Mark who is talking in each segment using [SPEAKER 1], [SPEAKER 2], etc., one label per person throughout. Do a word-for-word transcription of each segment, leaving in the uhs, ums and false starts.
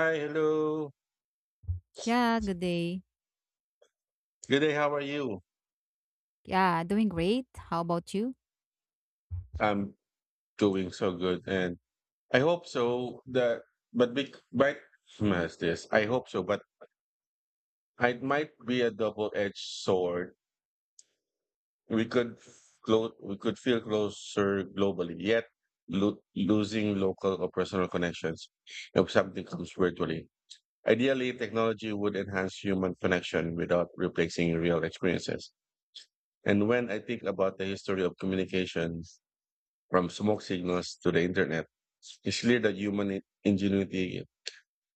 [SPEAKER 1] Hi, hello.
[SPEAKER 2] Yeah, good day.
[SPEAKER 1] Good day. How are you?
[SPEAKER 2] Yeah, doing great. How about you?
[SPEAKER 1] I'm doing so good, and I hope so that. But big, but as this, I hope so. But It might be a double-edged sword. We could close. We could feel closer globally, yet lo- losing local or personal connections if something comes virtually. Ideally, technology would enhance human connection without replacing real experiences. And when I think about the history of communication from smoke signals to the internet, it's clear that human in- ingenuity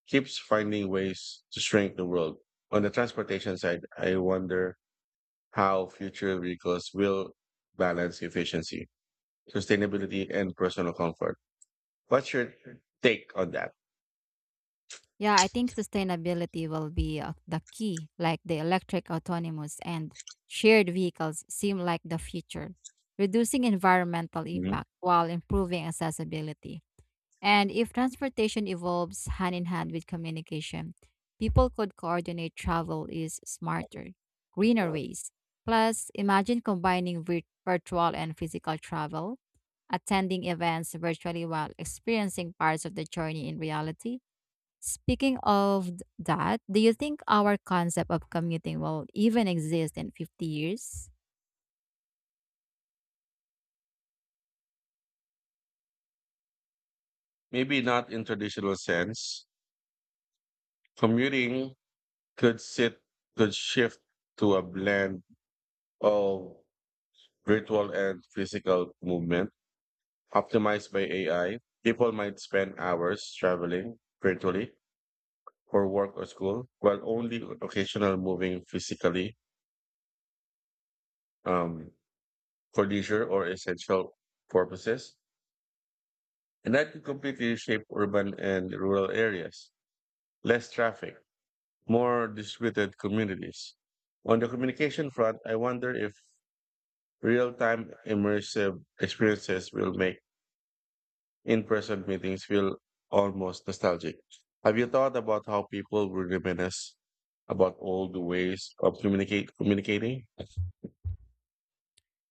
[SPEAKER 1] keeps finding ways to shrink the world. On the transportation side, I wonder how future vehicles will balance efficiency, sustainability, and personal comfort. What's your take on that?
[SPEAKER 2] Yeah, I think sustainability will be uh, the key. Like the electric autonomous and shared vehicles seem like the future, reducing environmental
[SPEAKER 1] Mhm.
[SPEAKER 2] impact while improving accessibility. And if transportation evolves hand in hand with communication, people could coordinate travel is smarter, greener ways. Plus, imagine combining vir- virtual and physical travel, attending events virtually while experiencing parts of the journey in reality. Speaking of th- that, do you think our concept of commuting will even exist in fifty years?
[SPEAKER 1] Maybe not in traditional sense. Commuting could sit could shift to a blend of virtual and physical movement optimized by A I. People might spend hours traveling virtually for work or school, while only occasional moving physically, um, for leisure or essential purposes. And that could completely shape urban and rural areas. Less traffic, more distributed communities. On the communication front, I wonder if real time immersive experiences will make in-person meetings feel almost nostalgic. Have you thought about how people will reminisce about old ways of communicate communicating?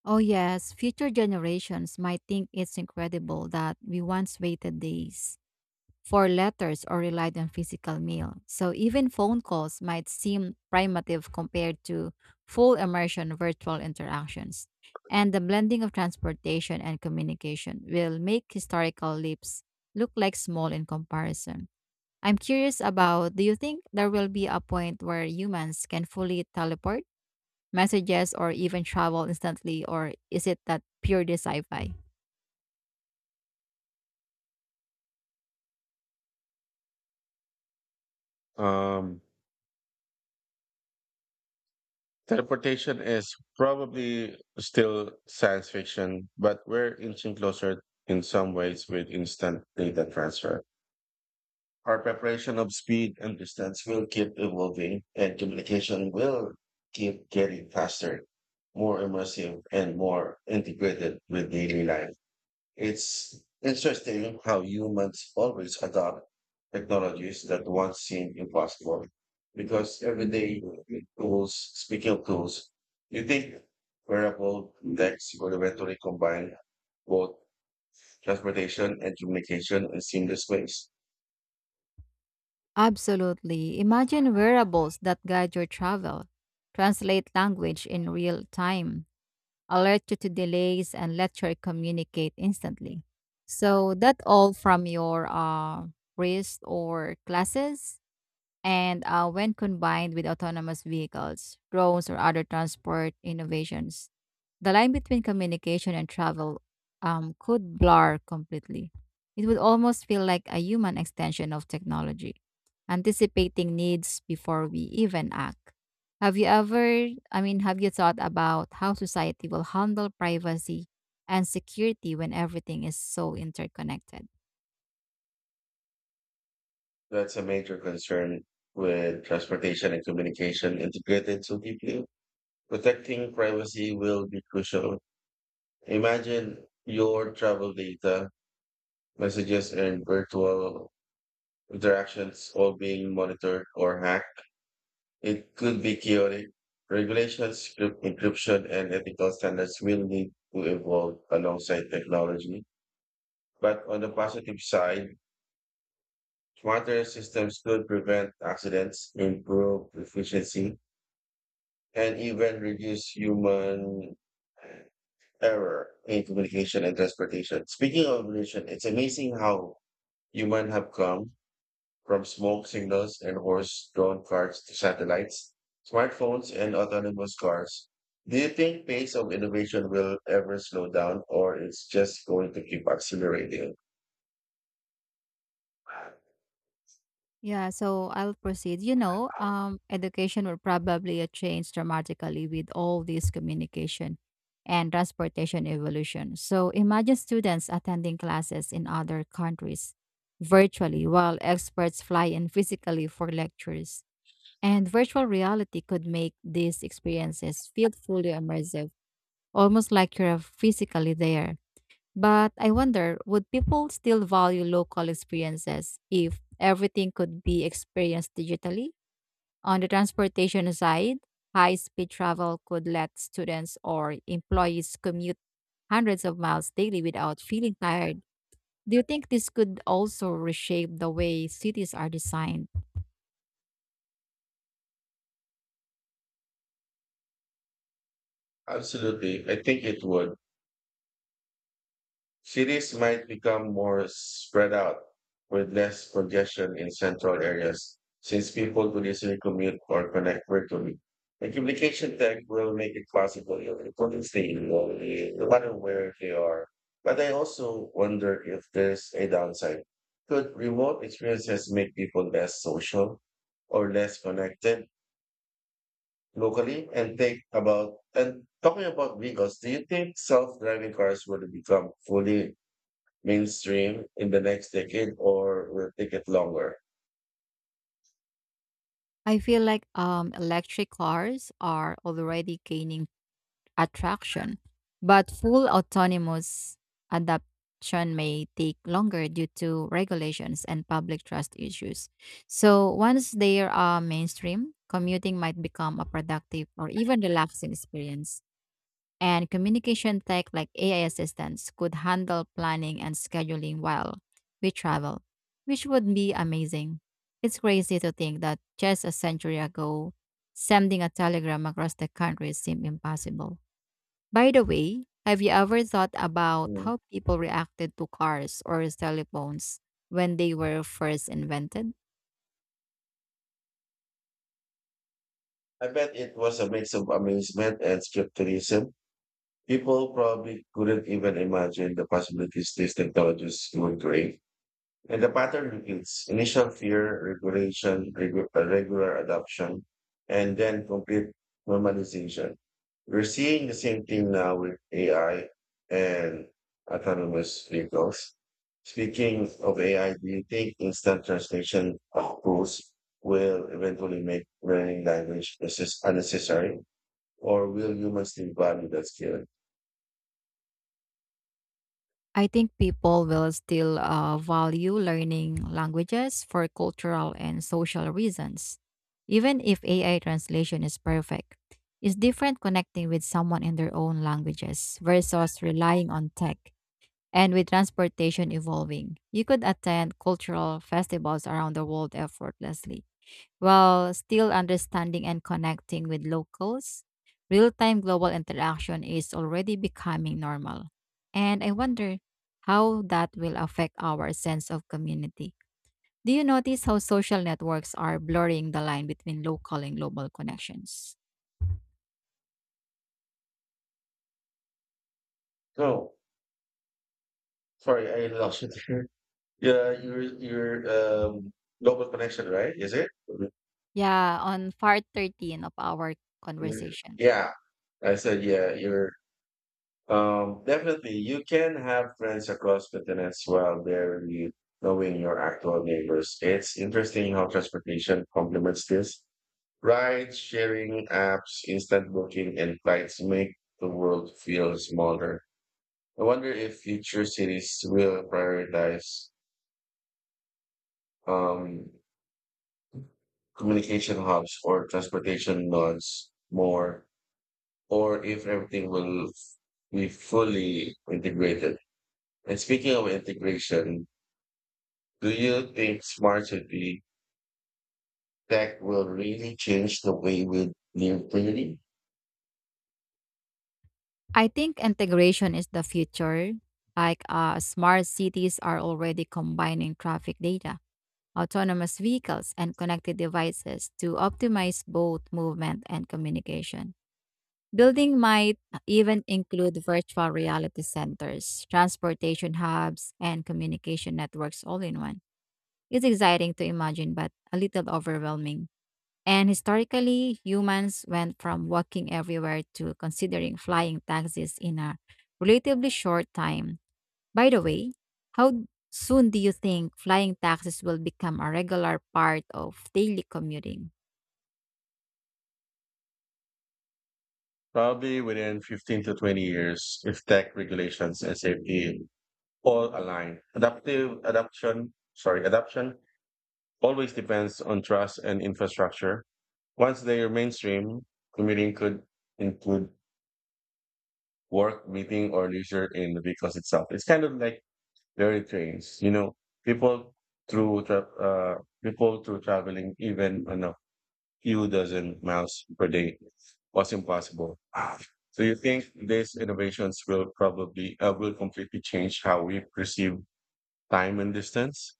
[SPEAKER 2] Oh, yes, future generations might think it's incredible that we once waited days for letters or relied on physical mail. So even phone calls might seem primitive compared to full immersion virtual interactions. And the blending of transportation and communication will make historical leaps look like small in comparison. I'm curious about, do you think there will be a point where humans can fully teleport messages or even travel instantly, or is it that pure sci fi?
[SPEAKER 1] Um, Teleportation is probably still science fiction, but we're inching closer in some ways with instant data transfer. Our preparation of speed and distance will keep evolving, and communication will keep getting faster, more immersive, and more integrated with daily life. It's interesting how humans always adopt technologies that once seemed impossible because everyday tools. Speaking of tools, you think wearable decks will eventually combine both transportation and communication in seamless ways.
[SPEAKER 2] Absolutely. Imagine wearables that guide your travel, translate language in real time, alert you to delays, and let you communicate instantly. So that all from your uh, wrist or glasses. And uh, when combined with autonomous vehicles, drones, or other transport innovations, the line between communication and travel um, could blur completely. It would almost feel like a human extension of technology, anticipating needs before we even act. Have you ever, I mean, have you thought about how society will handle privacy and security when everything is so interconnected?
[SPEAKER 1] That's a major concern. With transportation and communication integrated so deeply, protecting privacy will be crucial. Imagine your travel data, messages, and virtual interactions all being monitored or hacked. It could be chaotic. Regulations, script encryption, and ethical standards will need to evolve alongside technology. But on the positive side, smarter systems could prevent accidents, improve efficiency, and even reduce human error in communication and transportation. Speaking of evolution, it's amazing how humans have come from smoke signals and horse-drawn carts to satellites, smartphones, and autonomous cars. Do you think pace of innovation will ever slow down, or it's just going to keep accelerating?
[SPEAKER 2] Yeah, so I'll proceed. You know, um, education will probably uh, change dramatically with all this communication and transportation evolution. So imagine students attending classes in other countries virtually while experts fly in physically for lectures. And virtual reality could make these experiences feel fully immersive, almost like you're physically there. But I wonder, would people still value local experiences if everything could be experienced digitally? On the transportation side, high speed travel could let students or employees commute hundreds of miles daily without feeling tired. Do you think this could also reshape the way cities are designed?
[SPEAKER 1] Absolutely, I think it would. Cities might become more spread out with less congestion in central areas since people could easily commute or connect virtually. And communication tech will make it possible for people to stay involved no matter where they are. But I also wonder if there's a downside. Could remote experiences make people less social or less connected locally? And think about and talking about vehicles, do you think self-driving cars will become fully mainstream in the next decade or will take it longer?
[SPEAKER 2] I feel like um, electric cars are already gaining attraction, but full autonomous adoption may take longer due to regulations and public trust issues. So once they are uh, mainstream, commuting might become a productive or even relaxing experience, and communication tech like A I assistants could handle planning and scheduling while we travel, which would be amazing. It's crazy to think that just a century ago, sending a telegram across the country seemed impossible. By the way, have you ever thought about
[SPEAKER 1] Mm.
[SPEAKER 2] how people reacted to cars or telephones when they were first invented?
[SPEAKER 1] I bet it was a mix of amazement and skepticism. People probably couldn't even imagine the possibilities these technologies would create. And the pattern repeats initial fear, regulation, regu- uh, regular adoption, and then complete normalization. We're seeing the same thing now with A I and autonomous vehicles. Speaking of A I, do you think instant translation of rules will eventually make learning language necess- unnecessary, or will humans still value that skill?
[SPEAKER 2] I think people will still uh, value learning languages for cultural and social reasons. Even if A I translation is perfect, it's different connecting with someone in their own languages versus relying on tech. And with transportation evolving, you could attend cultural festivals around the world effortlessly while still understanding and connecting with locals. Real time global interaction is already becoming normal. And I wonder how that will affect our sense of community. Do you notice how social networks are blurring the line between local and global connections?
[SPEAKER 1] No, sorry, I lost it. Yeah, your your um global connection, right? Is it?
[SPEAKER 2] Yeah, on part thirteen of our
[SPEAKER 1] Mhm.
[SPEAKER 2] conversation.
[SPEAKER 1] Yeah, I said yeah. You're um definitely you can have friends across continents while they're really knowing your actual neighbors. It's interesting how transportation complements this. Ride sharing apps, instant booking, and flights make the world feel smaller. I wonder if future cities will prioritize um communication hubs or transportation nodes more, or if everything will be fully integrated. And speaking of integration, do you think smart city tech will really change the way we live daily?
[SPEAKER 2] I think integration is the future. Like uh, smart cities are already combining traffic data, autonomous vehicles, and connected devices to optimize both movement and communication. Building might even include virtual reality centers, transportation hubs, and communication networks all in one. It's exciting to imagine, but a little overwhelming. And historically, humans went from walking everywhere to considering flying taxis in a relatively short time. By the way, how soon do you think flying taxis will become a regular part of daily commuting?
[SPEAKER 1] Probably within fifteen to twenty years, if tech regulations and safety all align. Adaptive adoption, sorry, adoption always depends on trust and infrastructure. Once they are mainstream, commuting could include work, meeting, or leisure in the vehicles itself. It's kind of like daily trains, you know, people through tra- uh, people through traveling even on a few dozen miles per day was impossible. So you think these innovations will probably uh, will completely change how we perceive time and distance?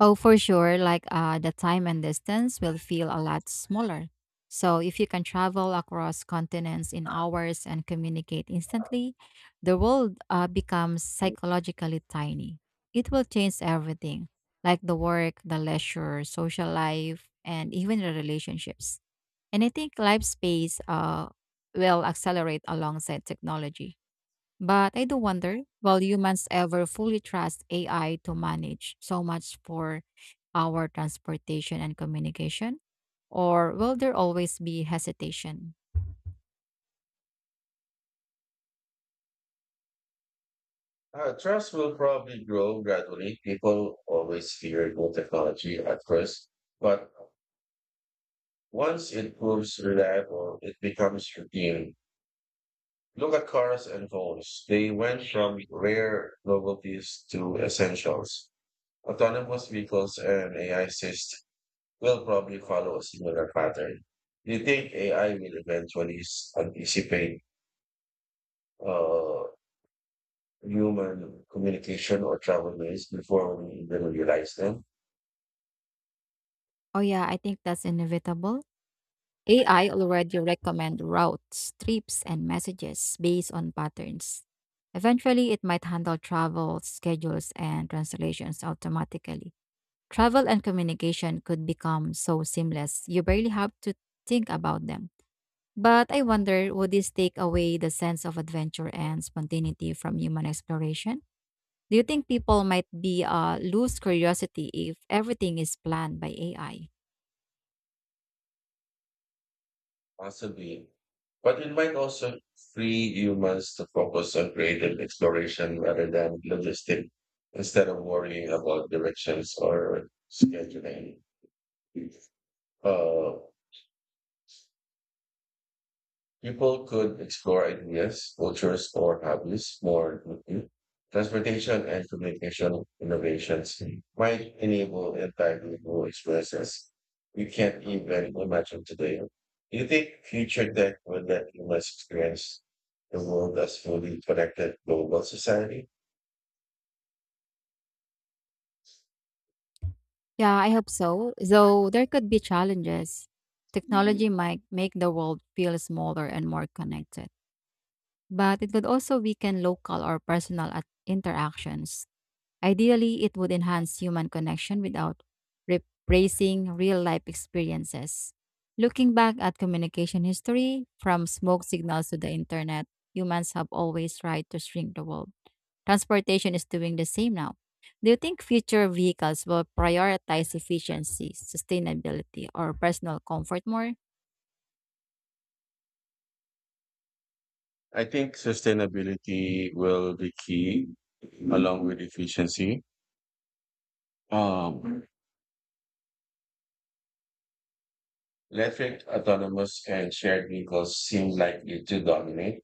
[SPEAKER 2] Oh, for sure, like uh, the time and distance will feel a lot smaller. So, if you can travel across continents in hours and communicate instantly, the world uh, becomes psychologically tiny. It will change everything, like the work, the leisure, social life, and even the relationships. And I think life space uh, will accelerate alongside technology. But I do wonder, will humans ever fully trust A I to manage so much for our transportation and communication? Or will there always be hesitation?
[SPEAKER 1] Uh, trust will probably grow gradually. People always fear new technology at first, but once it proves reliable, it becomes routine. Look at cars and phones. They went from rare novelties to essentials. Autonomous vehicles and A I systems will probably follow a similar pattern. Do you think A I will eventually s- anticipate uh, human communication or travel ways before we even realize them?
[SPEAKER 2] Oh, yeah, I think that's inevitable. A I already recommend routes, trips, and messages based on patterns. Eventually, it might handle travel, schedules, and translations automatically. Travel and communication could become so seamless, you barely have to think about them. But I wonder, would this take away the sense of adventure and spontaneity from human exploration? Do you think people might be uh, lose curiosity if everything is planned by A I?
[SPEAKER 1] Possibly. But it might also free humans to focus on creative exploration rather than logistic instead of worrying about directions or scheduling. Uh, People could explore ideas, cultures, or hobbies more deeply. Transportation and communication innovations might enable entirely new experiences we can't even imagine today. Do you think future tech will let humans experience the world as fully connected global society?
[SPEAKER 2] Yeah, I hope so. Though there could be challenges. Technology might make the world feel smaller and more connected, but it could also weaken local or personal at- interactions. Ideally, it would enhance human connection without replacing real life experiences. Looking back at communication history, from smoke signals to the internet, humans have always tried to shrink the world. Transportation is doing the same now. Do you think future vehicles will prioritize efficiency, sustainability, or personal comfort more?
[SPEAKER 1] I think sustainability will be key along with efficiency. Um, Electric, autonomous, and shared vehicles seem likely to dominate,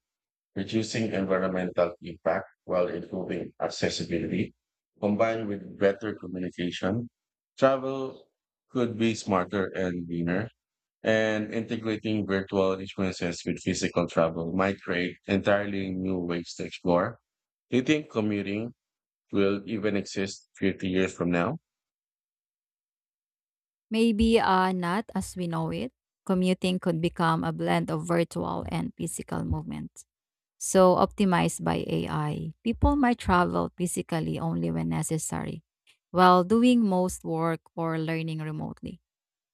[SPEAKER 1] reducing environmental impact while improving accessibility. Combined with better communication, travel could be smarter and greener, and integrating virtual experiences with physical travel might create entirely new ways to explore. Do you think commuting will even exist fifty years from now?
[SPEAKER 2] Maybe uh, not as we know it. Commuting could become a blend of virtual and physical movement, so optimized by A I. People might travel physically only when necessary, while doing most work or learning remotely.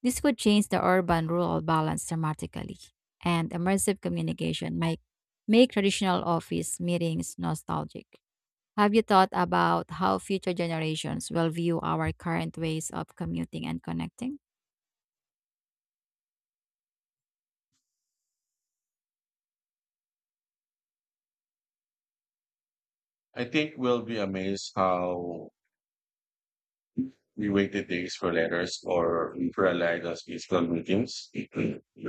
[SPEAKER 2] This could change the urban rural balance dramatically, and immersive communication might make traditional office meetings nostalgic. Have you thought about how future generations will view our current ways of commuting and connecting?
[SPEAKER 1] I think we'll be amazed how we waited days for letters or we relied on physical meetings.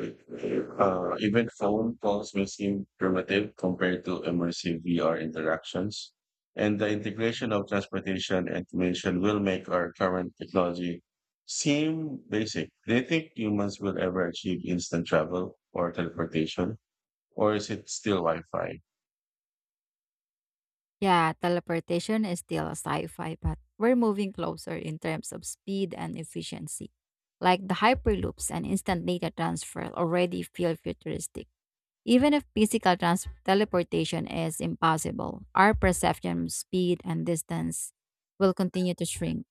[SPEAKER 1] Uh, even phone calls may seem primitive compared to immersive V R interactions. And the integration of transportation and communication will make our current technology seem basic. Do you think humans will ever achieve instant travel or teleportation? Or is it still Wi Fi?
[SPEAKER 2] Yeah, teleportation is still a sci-fi, but we're moving closer in terms of speed and efficiency. Like the hyperloops and instant data transfer already feel futuristic. Even if physical trans- teleportation is impossible, our perception of speed and distance will continue to shrink.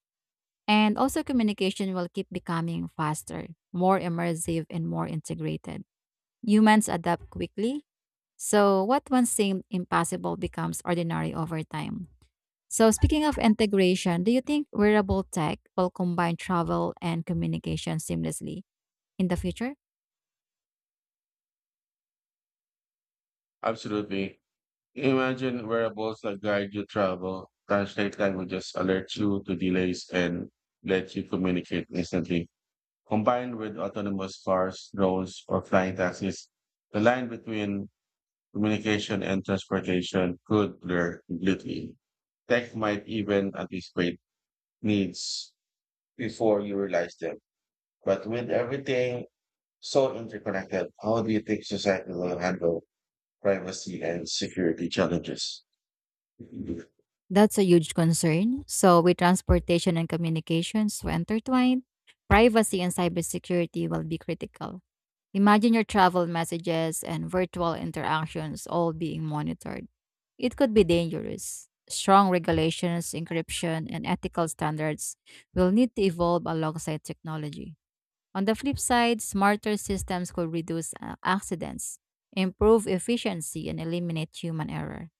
[SPEAKER 2] And also communication will keep becoming faster, more immersive and more integrated. Humans adapt quickly, so what once seemed impossible becomes ordinary over time. So, speaking of integration, do you think wearable tech will combine travel and communication seamlessly in the future?
[SPEAKER 1] Absolutely. Imagine wearables that guide your travel, translate languages, alert you to delays, and let you communicate instantly. Combined with autonomous cars, drones, or flying taxis, the line between communication and transportation could blur completely. Tech might even anticipate needs before you realize them. But with everything so interconnected, how do you think society will handle privacy and security challenges?
[SPEAKER 2] That's a huge concern. So, with transportation and communications so intertwined, privacy and cybersecurity will be critical. Imagine your travel messages and virtual interactions all being monitored. It could be dangerous. Strong regulations, encryption, and ethical standards will need to evolve alongside technology. On the flip side, smarter systems could reduce uh, accidents, improve efficiency, and eliminate human error.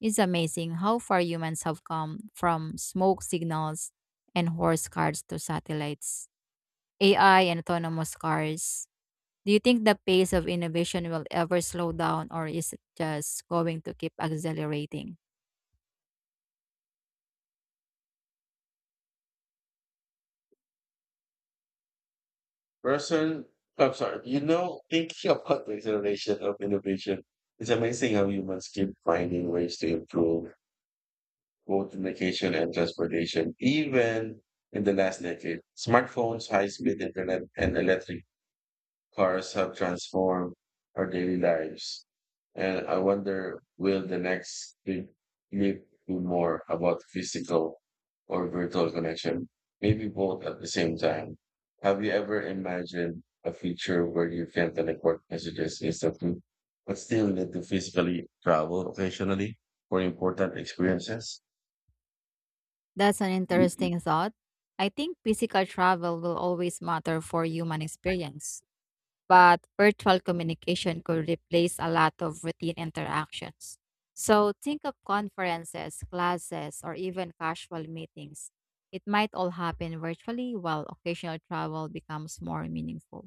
[SPEAKER 2] It's amazing how far humans have come from smoke signals and horse carts to satellites, A I, and autonomous cars. Do you think the pace of innovation will ever slow down, or is it just going to keep accelerating?
[SPEAKER 1] Person, I'm sorry, you know, thinking about the acceleration of innovation, it's amazing how humans keep finding ways to improve both communication and transportation, even in the last decade. Smartphones, high speed internet, and electric cars have transformed our daily lives. And I wonder will the next big leap be more about physical or virtual connection? Maybe both at the same time. Have you ever imagined a future where you can teleport messages instantly, but still need to physically travel occasionally for important experiences?
[SPEAKER 2] That's an interesting thought. I think physical travel will always matter for human experience, but virtual communication could replace a lot of routine interactions. So think of conferences, classes, or even casual meetings. It might all happen virtually while occasional travel becomes more meaningful.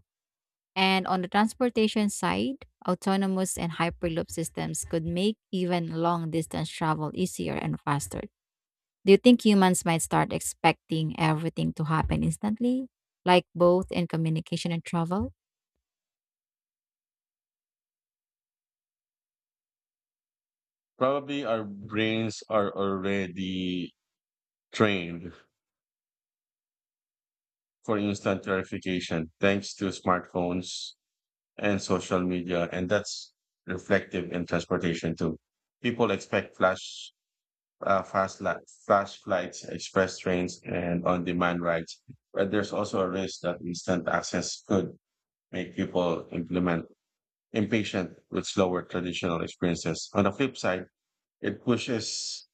[SPEAKER 2] And on the transportation side, autonomous and hyperloop systems could make even long distance travel easier and faster. Do you think humans might start expecting everything to happen instantly, like both in communication and travel?
[SPEAKER 1] Probably our brains are already trained for instant verification thanks to smartphones and social media. And that's reflective in transportation too. People expect flash, uh, fast li- flash flights, express trains, and on demand rides. But there's also a risk that instant access could make people implement impatient with slower traditional experiences. On the flip side, it pushes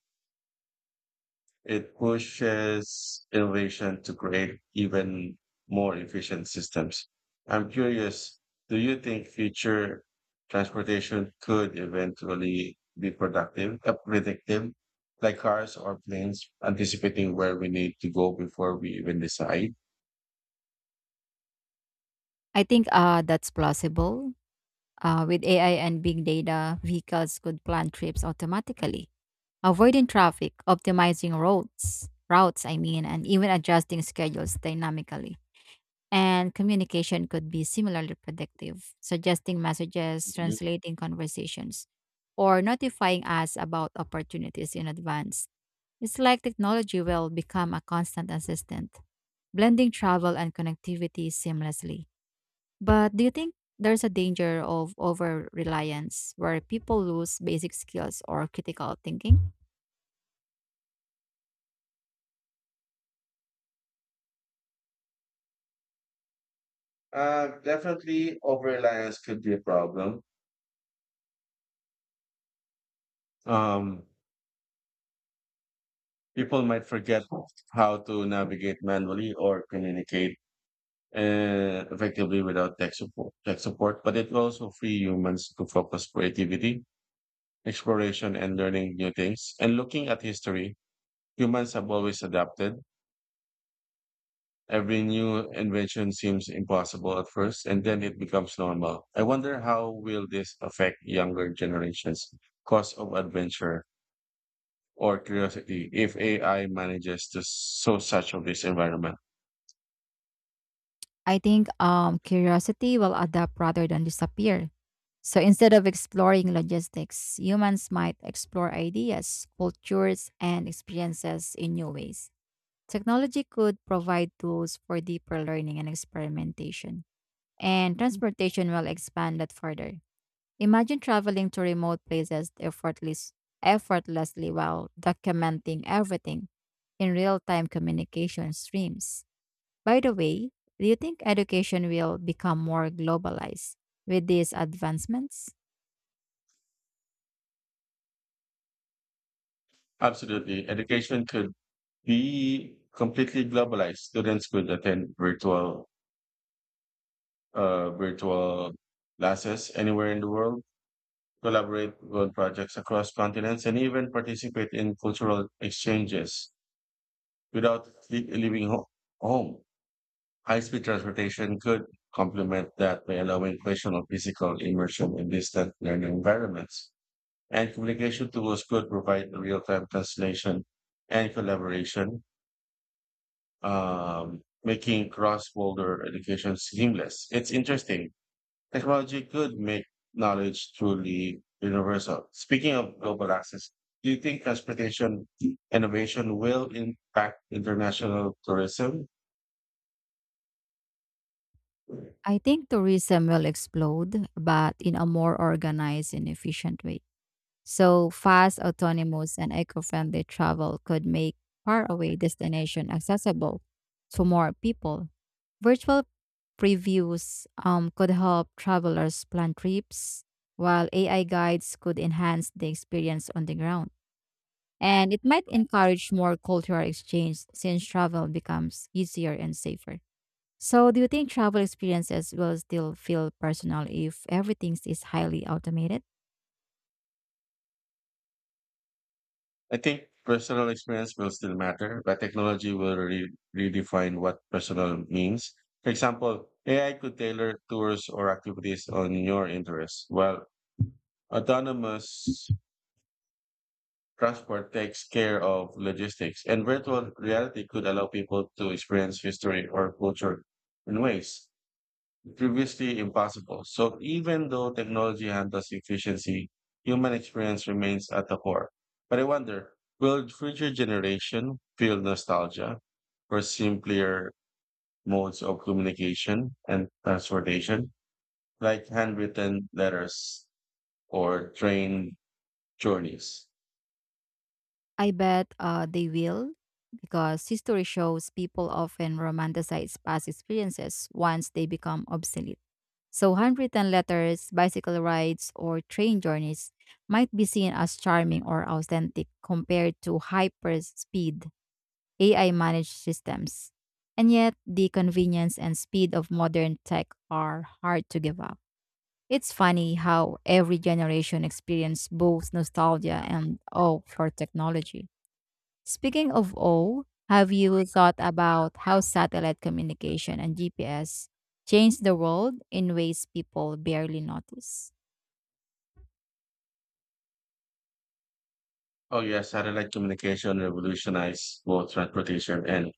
[SPEAKER 1] it pushes innovation to create even more efficient systems. I'm curious, do you think future transportation could eventually be productive, uh, predictive, like cars or planes, anticipating where we need to go before we even decide?
[SPEAKER 2] I think uh, that's plausible. Uh, with A I and big data, vehicles could plan trips automatically, avoiding traffic, optimizing roads, routes I mean, and even adjusting schedules dynamically. And communication could be similarly predictive, suggesting messages,
[SPEAKER 1] Mhm.
[SPEAKER 2] translating conversations, or notifying us about opportunities in advance. It's like technology will become a constant assistant, blending travel and connectivity seamlessly. But do you think there's a danger of over reliance where people lose basic skills or critical thinking?
[SPEAKER 1] Uh, definitely, over reliance could be a problem. Um, People might forget how to navigate manually or communicate uh, effectively without tech support, tech support. But it will also free humans to focus creativity exploration and learning new things. And looking at history, humans have always adapted. Every new invention seems impossible at first, and then it becomes normal. I wonder how will this affect younger generations' cause of adventure? Or curiosity if A I manages to so such of this environment.
[SPEAKER 2] I think um, curiosity will adapt rather than disappear. So instead of exploring logistics, humans might explore ideas, cultures, and experiences in new ways. Technology could provide tools for deeper learning and experimentation, and transportation will expand that further. Imagine traveling to remote places effortless, effortlessly while documenting everything in real time communication streams. By the way, do you think education will become more globalized with these advancements?
[SPEAKER 1] Absolutely. Education could be completely globalized. Students could attend virtual uh, virtual classes anywhere in the world, collaborate on projects across continents, and even participate in cultural exchanges without le- leaving ho- home. High speed transportation could complement that by allowing personal physical immersion in distant learning environments. And communication tools could provide real time translation and collaboration, um, making cross border education seamless. It's interesting technology could make knowledge truly universal. Speaking of global access, do you think transportation innovation will impact international tourism?
[SPEAKER 2] I think tourism will explode, but in a more organized and efficient way. So fast, autonomous, and eco-friendly travel could make faraway destination accessible to more people. Virtual previews um, could help travelers plan trips, while A I guides could enhance the experience on the ground. And it might encourage more cultural exchange since travel becomes easier and safer. So, do you think travel experiences will still feel personal if everything is highly automated?
[SPEAKER 1] I think personal experience will still matter, but technology will re- redefine what personal means. For example, A I could tailor tours or activities on your interests, while autonomous transport takes care of logistics, and virtual reality could allow people to experience history or culture in ways previously impossible. So even though technology handles efficiency, human experience remains at the core. But I wonder, will future generation feel nostalgia for simpler modes of communication and transportation, like handwritten letters or train journeys?
[SPEAKER 2] I bet uh, they will because history shows people often romanticize past experiences once they become obsolete. So, handwritten letters, bicycle rides, or train journeys might be seen as charming or authentic compared to hyper speed A I managed systems. And yet, the convenience and speed of modern tech are hard to give up. It's funny how every generation experiences both nostalgia and awe for technology. Speaking of awe, have you thought about how satellite communication and G P S changed the world in ways people barely notice?
[SPEAKER 1] Oh, yeah, satellite communication revolutionized both transportation and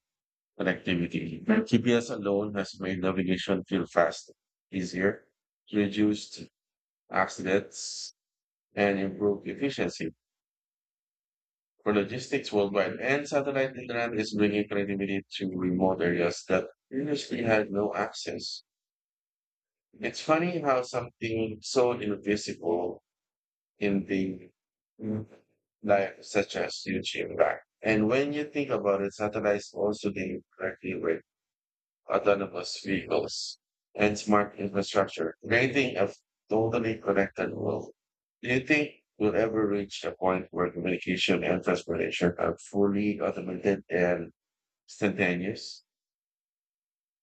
[SPEAKER 1] connectivity. G P S alone has made navigation feel faster, easier, reduced accidents, and improved efficiency for logistics worldwide. And satellite internet is bringing connectivity to remote areas that previously had no access. It's funny how something so invisible in the mm, life such as YouTube. Right? And when you think about it, satellites also deal directly with autonomous vehicles and smart infrastructure, creating a totally connected world. Do you think we'll ever reach a point where communication and transportation are fully automated and instantaneous?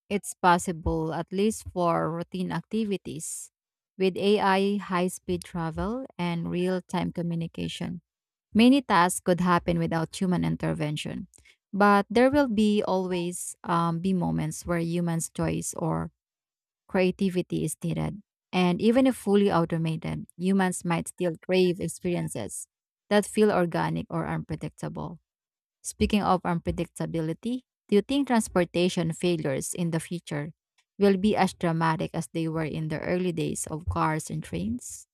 [SPEAKER 2] It's possible, at least for routine activities. With A I, high speed travel, and real time communication, many tasks could happen without human intervention. But there will be always um, be moments where humans' choice or creativity is needed. And even if fully automated, humans might still crave experiences that feel organic or unpredictable. Speaking of unpredictability, do you think transportation failures in the future will be as dramatic as they were in the early days of cars and trains?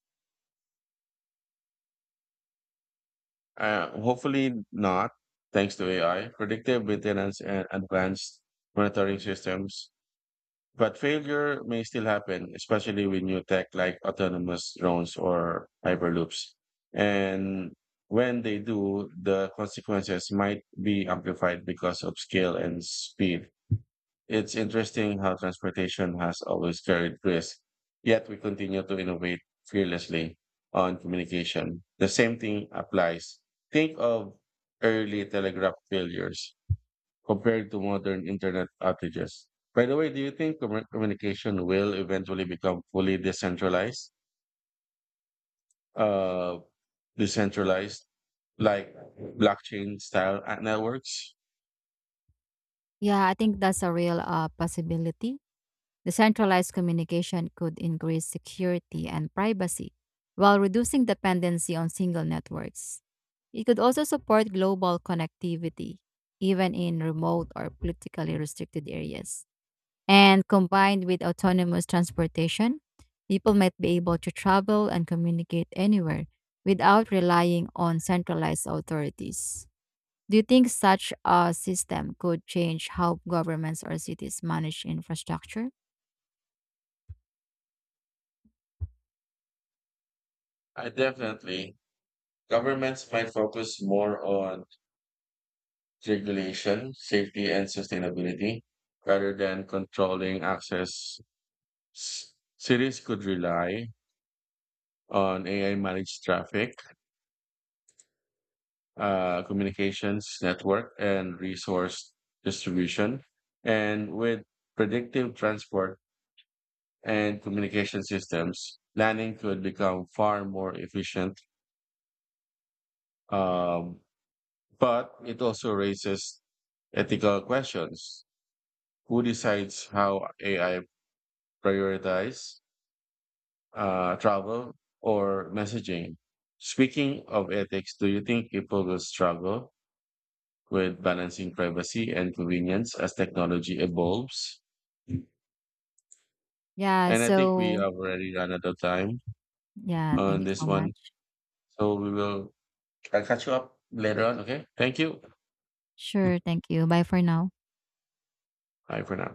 [SPEAKER 1] Uh, hopefully not, thanks to A I, predictive maintenance, and advanced monitoring systems. But failure may still happen, especially with new tech like autonomous drones or hyperloops. And when they do, the consequences might be amplified because of scale and speed. It's interesting how transportation has always carried risk, yet we continue to innovate fearlessly on communication. The same thing applies. Think of early telegraph failures compared to modern internet outages. By the way, do you think commu- communication will eventually become fully decentralized, uh, decentralized, like blockchain style at networks?
[SPEAKER 2] Yeah, I think that's a real uh, possibility. The centralized communication could increase security and privacy while reducing dependency on single networks. It could also support global connectivity, even in remote or politically restricted areas. And combined with autonomous transportation, people might be able to travel and communicate anywhere without relying on centralized authorities. Do you think such a system could change how governments or cities manage infrastructure?
[SPEAKER 1] I definitely. Governments might focus more on regulation, safety, and sustainability rather than controlling access. S- Cities could rely on A I managed traffic, uh, communications network and resource distribution. And with predictive transport and communication systems, planning could become far more efficient. Um, but it also raises ethical questions. Who decides how A I prioritize uh, travel or messaging? Speaking of ethics, do you think people will struggle with balancing privacy and convenience as technology evolves?
[SPEAKER 2] Yeah,
[SPEAKER 1] And I think we
[SPEAKER 2] so
[SPEAKER 1] have already run out of time
[SPEAKER 2] yeah, thank
[SPEAKER 1] on
[SPEAKER 2] you
[SPEAKER 1] this
[SPEAKER 2] so much.
[SPEAKER 1] one. So we will I'll catch you up later on. Okay. Thank you.
[SPEAKER 2] Sure, thank you. Bye for now.
[SPEAKER 1] Bye for now.